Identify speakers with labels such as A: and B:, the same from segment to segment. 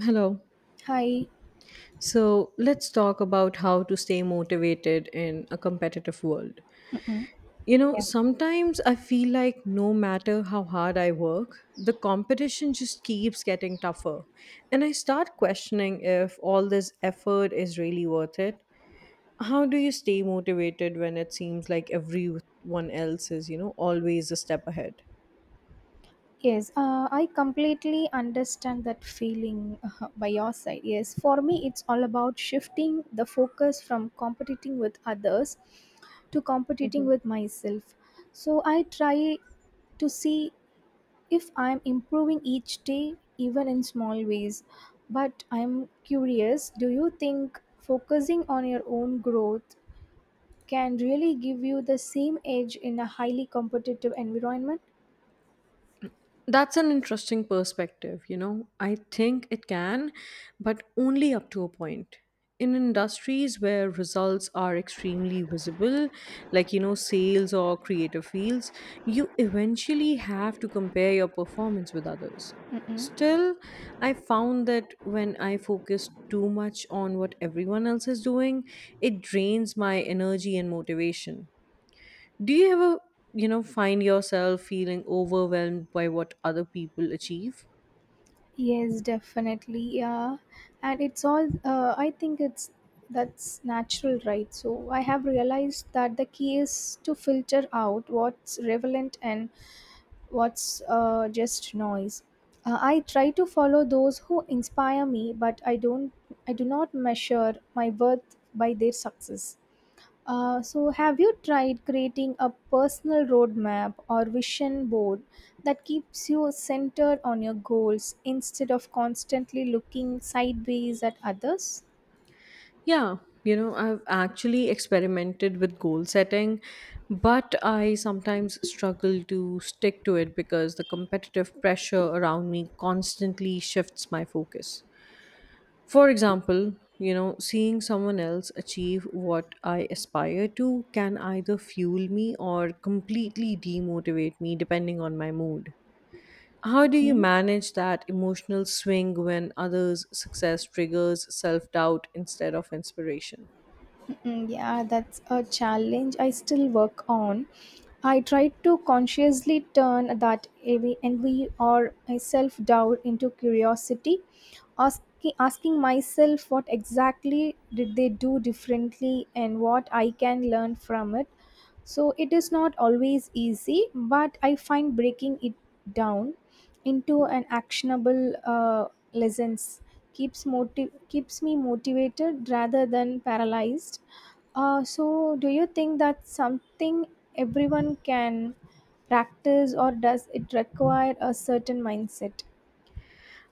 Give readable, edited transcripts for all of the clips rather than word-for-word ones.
A: Hello.
B: Hi.
A: So let's talk about how to stay motivated in a competitive world.
B: Mm-mm.
A: You know,
B: Yeah.
A: sometimes I feel like no matter how hard I work, the competition just keeps getting tougher. And I start questioning if all this effort is really worth it. How do you stay motivated when it seems like everyone else is always a step ahead?
B: Yes, I completely understand that feeling by your side. Yes, for me, it's all about shifting the focus from competing with others to competing
A: Mhm.
B: with myself. So I try to see if I'm improving each day, even in small ways. But I'm curious, do you think focusing on your own growth can really give you the same edge in a highly competitive environment?
A: That's an interesting perspective. I think it can, but only up to a point. In industries where results are extremely visible, like sales or creative fields, you eventually have to compare your performance with others.
B: Mm-mm.
A: Still, I found that when I focus too much on what everyone else is doing, it drains my energy and motivation. Do you ever, find yourself feeling overwhelmed by what other people achieve?
B: Yes, definitely. Yeah, and it's all. I think it's that's natural, right? So I have realized that the key is to filter out what's relevant and what's just noise. I try to follow those who inspire me, but I don't. I do not measure my worth by their success. So, have you tried creating a personal roadmap or vision board that keeps you centered on your goals instead of constantly looking sideways at others?
A: Yeah, I've actually experimented with goal setting, but I sometimes struggle to stick to it because the competitive pressure around me constantly shifts my focus. For example, seeing someone else achieve what I aspire to can either fuel me or completely demotivate me depending on my mood. How do you
B: Mhm.
A: manage that emotional swing when others' success triggers self doubt instead of inspiration?
B: Yeah, that's a challenge I still work on. I try to consciously turn that envy or self doubt into curiosity, asking myself what exactly did they do differently and what I can learn from it. So it is not always easy, but I find breaking it down into an actionable lessons keeps me motivated rather than paralyzed. So do you think that's something everyone can practice, or does it require a certain mindset?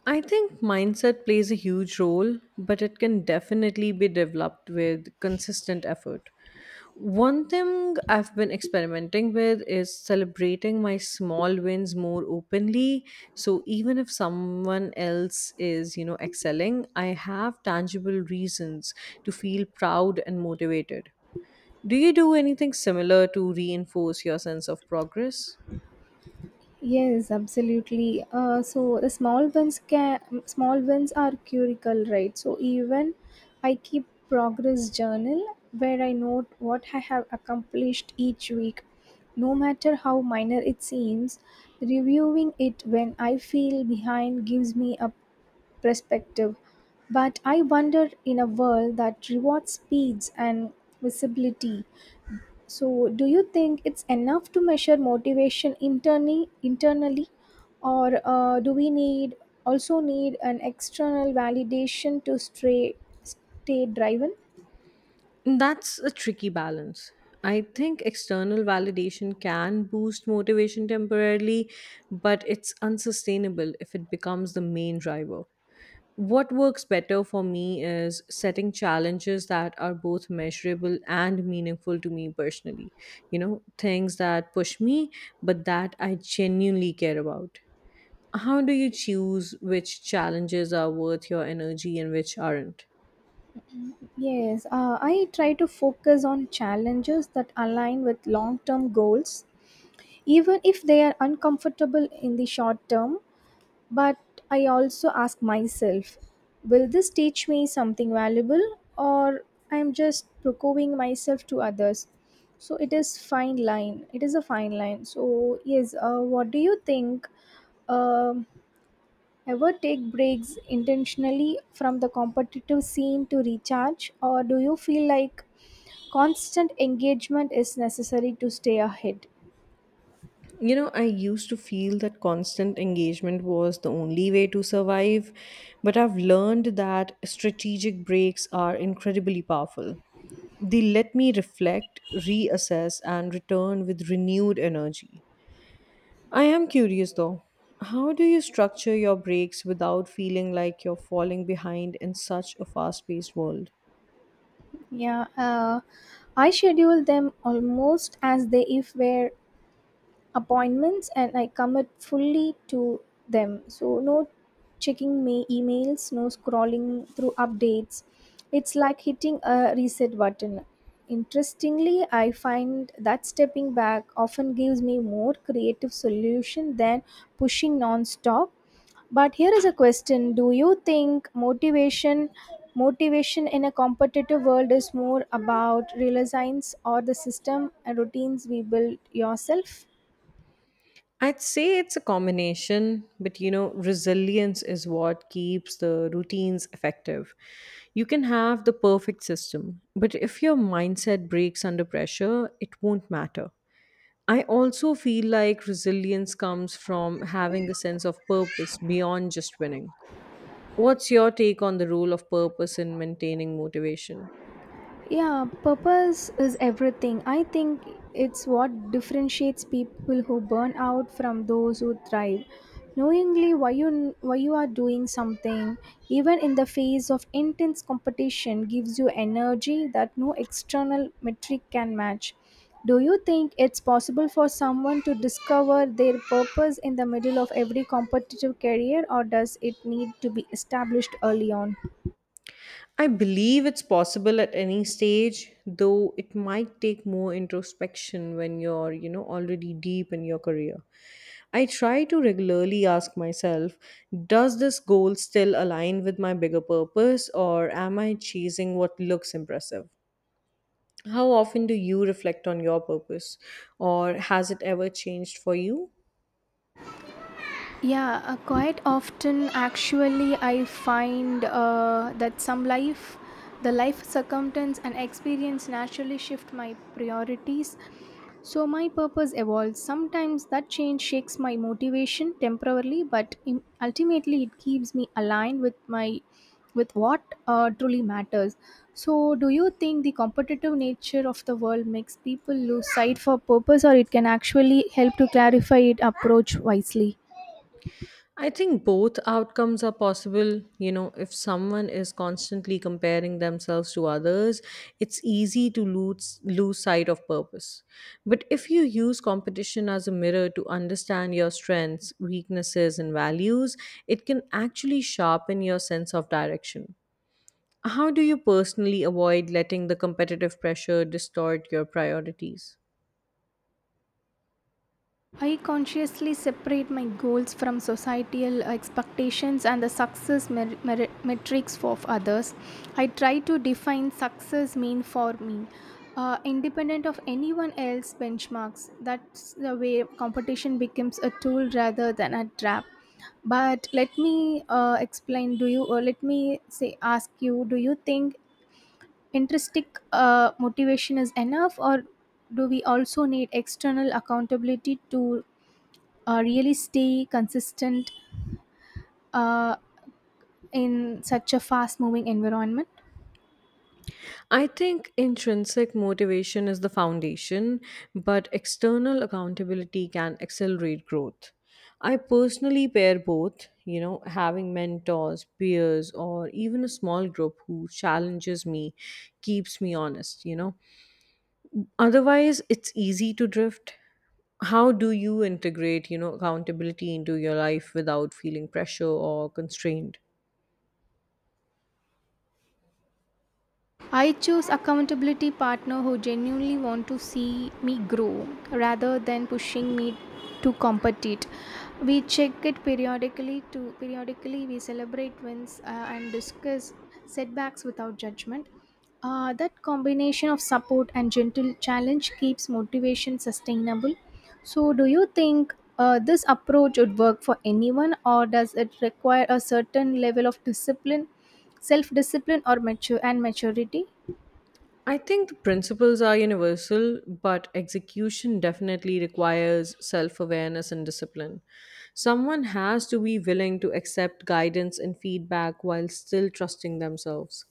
A: I think mindset plays a huge role, but it can definitely be developed with consistent effort. One thing I've been experimenting with is celebrating my small wins more openly. So even if someone else is excelling, I have tangible reasons to feel proud and motivated. Do you do anything similar to reinforce your sense of progress?
B: Yes, absolutely. So the small wins can small wins are curical, right? So even I keep progress journal where I note what I have accomplished each week, no matter how minor it seems. Reviewing it when I feel behind gives me a perspective. But I wonder, in a world that rewards speeds and visibility, so, do you think it's enough to measure motivation internally, or do we need an external validation to stay driven?
A: That's a tricky balance. I think external validation can boost motivation temporarily, but it's unsustainable if it becomes the main driver. What works better for me is setting challenges that are both measurable and meaningful to me personally. You know, things that push me, but that I genuinely care about. How do you choose which challenges are worth your energy and which aren't?
B: Yes, I try to focus on challenges that align with long-term goals, even if they are uncomfortable in the short term. But I also ask myself, will this teach me something valuable, or I'm just proving myself to others? It is a fine line. So yes, what do you think? Um Ever take breaks intentionally from the competitive scene to recharge, or do you feel like constant engagement is necessary to stay ahead?
A: You know, I used to feel that constant engagement was the only way to survive, but I've learned that strategic breaks are incredibly powerful. They let me reflect, reassess, and return with renewed energy. I am curious though, how do you structure your breaks without feeling like you're falling behind in such a fast paced world?
B: Yeah, I schedule them almost as they if were appointments and I commit fully to them. So, no checking my emails, no scrolling through updates. It's like hitting a reset button. Interestingly, I find that stepping back often gives me more creative solution than pushing non-stop. But here is a question: do you think motivation in a competitive world is more about resilience or the system and routines we build yourself?
A: I'd say it's a combination, but you know, resilience is what keeps the routines effective. You can have the perfect system, but if your mindset breaks under pressure, it won't matter. I also feel like resilience comes from having a sense of purpose beyond just winning. What's your take on the role of purpose in maintaining motivation?
B: Yeah, purpose is everything. I think it's what differentiates people who burn out from those who thrive. Knowingly why you are doing something, even in the face of intense competition, gives you energy that no external metric can match. Do you think it's possible for someone to discover their purpose in the middle of every competitive career, or does it need to be established early on?
A: I believe it's possible at any stage, though it might take more introspection when you're already deep in your career. I try to regularly ask myself, does this goal still align with my bigger purpose, or am I chasing what looks impressive? How often do you reflect on your purpose, or has it ever changed for you?
B: Yeah, quite often actually. I find the life circumstance and experience naturally shift my priorities. So my purpose evolves. Sometimes that change shakes my motivation temporarily, ultimately it keeps me aligned with my with what truly matters. So do you think the competitive nature of the world makes people lose sight for purpose, or it can actually help to clarify it approach wisely?
A: I think both outcomes are possible. You know, if someone is constantly comparing themselves to others, it's easy to lose sight of purpose. But if you use competition as a mirror to understand your strengths, weaknesses, and values, it can actually sharpen your sense of direction. How do you personally avoid letting the competitive pressure distort your priorities?
B: I consciously separate my goals from societal expectations and the success metrics of others. I try to define success mean for me, independent of anyone else benchmarks. That's the way competition becomes a tool rather than a trap. But let me explain. Do you? Or let me say, ask you. Do you think intrinsic motivation is enough, or do we also need external accountability to really stay consistent uh, in such a fast moving environment?
A: I think intrinsic motivation is the foundation, but external accountability can accelerate growth. I personally pair both, you know, having mentors, peers, or even a small group who challenges me keeps me honest. Otherwise, it's easy to drift. How do you integrate, accountability into your life without feeling pressure or constrained?
B: I choose accountability partner who genuinely want to see me grow rather than pushing me to compete. We check it periodically to periodically we celebrate wins and discuss setbacks without judgment. That combination of support and gentle challenge keeps motivation sustainable. So, do you think this approach would work for anyone, or does it require a certain level of discipline, self discipline, or mature and maturity?
A: I think the principles are universal, but execution definitely requires self awareness and discipline. Someone has to be willing to accept guidance and feedback while still trusting themselves.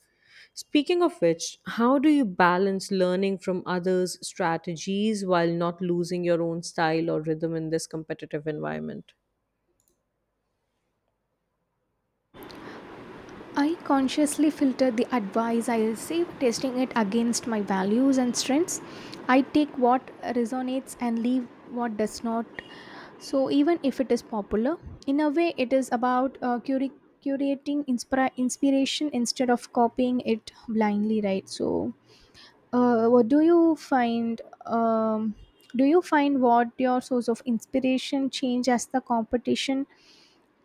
A: Speaking of which, how do you balance learning from others' strategies while not losing your own style or rhythm in this competitive environment?
B: I consciously filter the advice I receive, testing it against my values and strengths. I take what resonates and leave what does not. So, even if it is popular, in a way, it is about curating inspiration instead of copying it blindly, right? So, what um, do you find what your source of inspiration change as the competition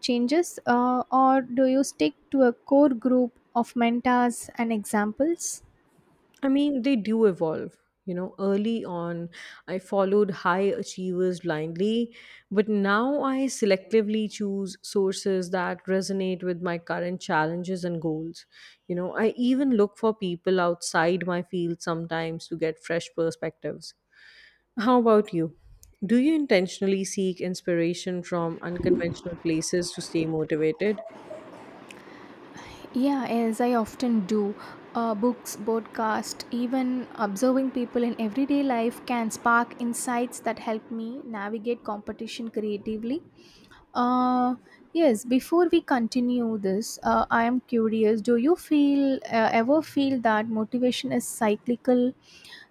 B: changes, or do you stick to a core group of mentors and examples?
A: I mean, they do evolve. You know, early on, I followed high achievers blindly, but now I selectively choose sources that resonate with my current challenges and goals. You know, I even look for people outside my field sometimes to get fresh perspectives. How about you? Do you intentionally seek inspiration from unconventional places to stay motivated?
B: Yeah, as I often do, books, podcasts, even observing people in everyday life can spark insights that help me navigate competition creatively. Uh, yes, before we continue this, I am curious. Do you feel ever feel that motivation is cyclical,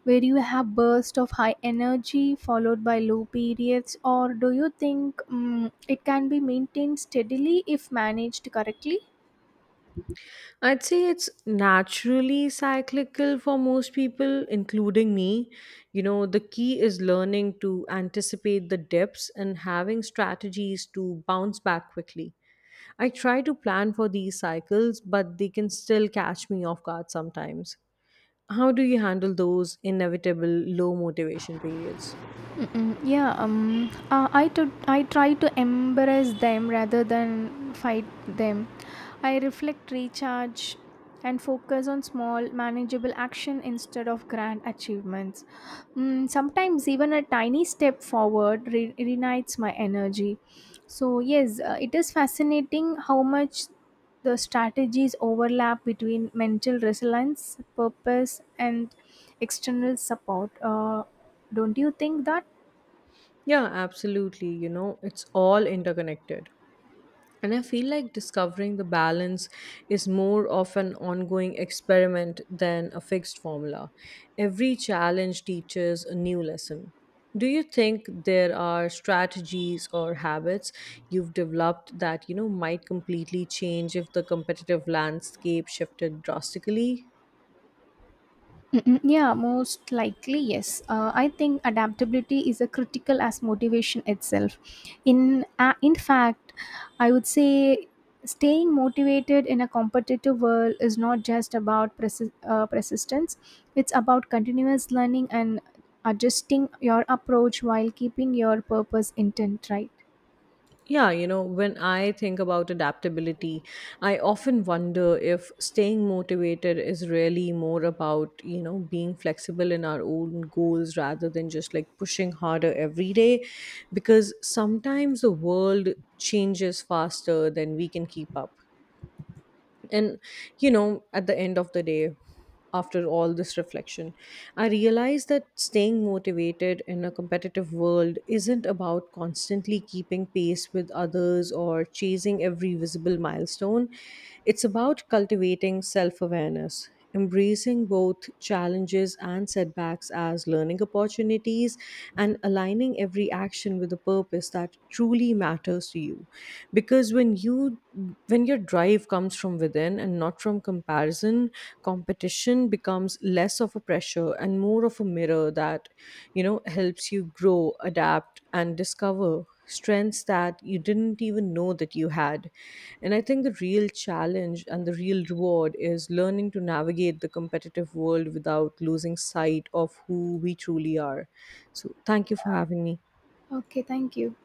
B: where you have bursts of high energy followed by low periods, or do you think it can be maintained steadily if managed correctly?
A: I'd say it's naturally cyclical for most people, including me. You know, the key is learning to anticipate the dips and having strategies to bounce back quickly. I try to plan for these cycles, but they can still catch me off guard sometimes. How do you handle those inevitable low motivation periods?
B: Mm-mm. Yeah, I try to embrace them rather than fight them. I reflect, recharge, and focus on small, manageable action instead of grand achievements. Sometimes even a tiny step forward reignites my energy. So yes, it is fascinating how much the strategies overlap between mental resilience, purpose, and external support. Don't you think that?
A: Yeah, absolutely. You know, it's all interconnected. And I feel like discovering the balance is more of an ongoing experiment than a fixed formula. Every challenge teaches a new lesson. Do you think there are strategies or habits you've developed that, might completely change if the competitive landscape shifted drastically?
B: Mm-mm, yeah, most likely, yes. I think adaptability is a critical as motivation itself. In fact, I would say staying motivated in a competitive world is not just about persistence. It's about continuous learning and adjusting your approach while keeping your purpose intent, right.
A: Yeah, you know, when I think about adaptability, I often wonder if staying motivated is really more about, being flexible in our own goals rather than just like pushing harder every day. Because sometimes the world changes faster than we can keep up, and you know, at the end of the day, after all this reflection, I realized that staying motivated in a competitive world isn't about constantly keeping pace with others or chasing every visible milestone. It's about cultivating self-awareness, embracing both challenges and setbacks as learning opportunities, and aligning every action with a purpose that truly matters to you. Because when your drive comes from within and not from comparison, competition becomes less of a pressure and more of a mirror that, you know, helps you grow, adapt, and discover strengths that you didn't even know that you had. And I think the real challenge and the real reward is learning to navigate the competitive world without losing sight of who we truly are. So thank you for having me.
B: Okay, thank you.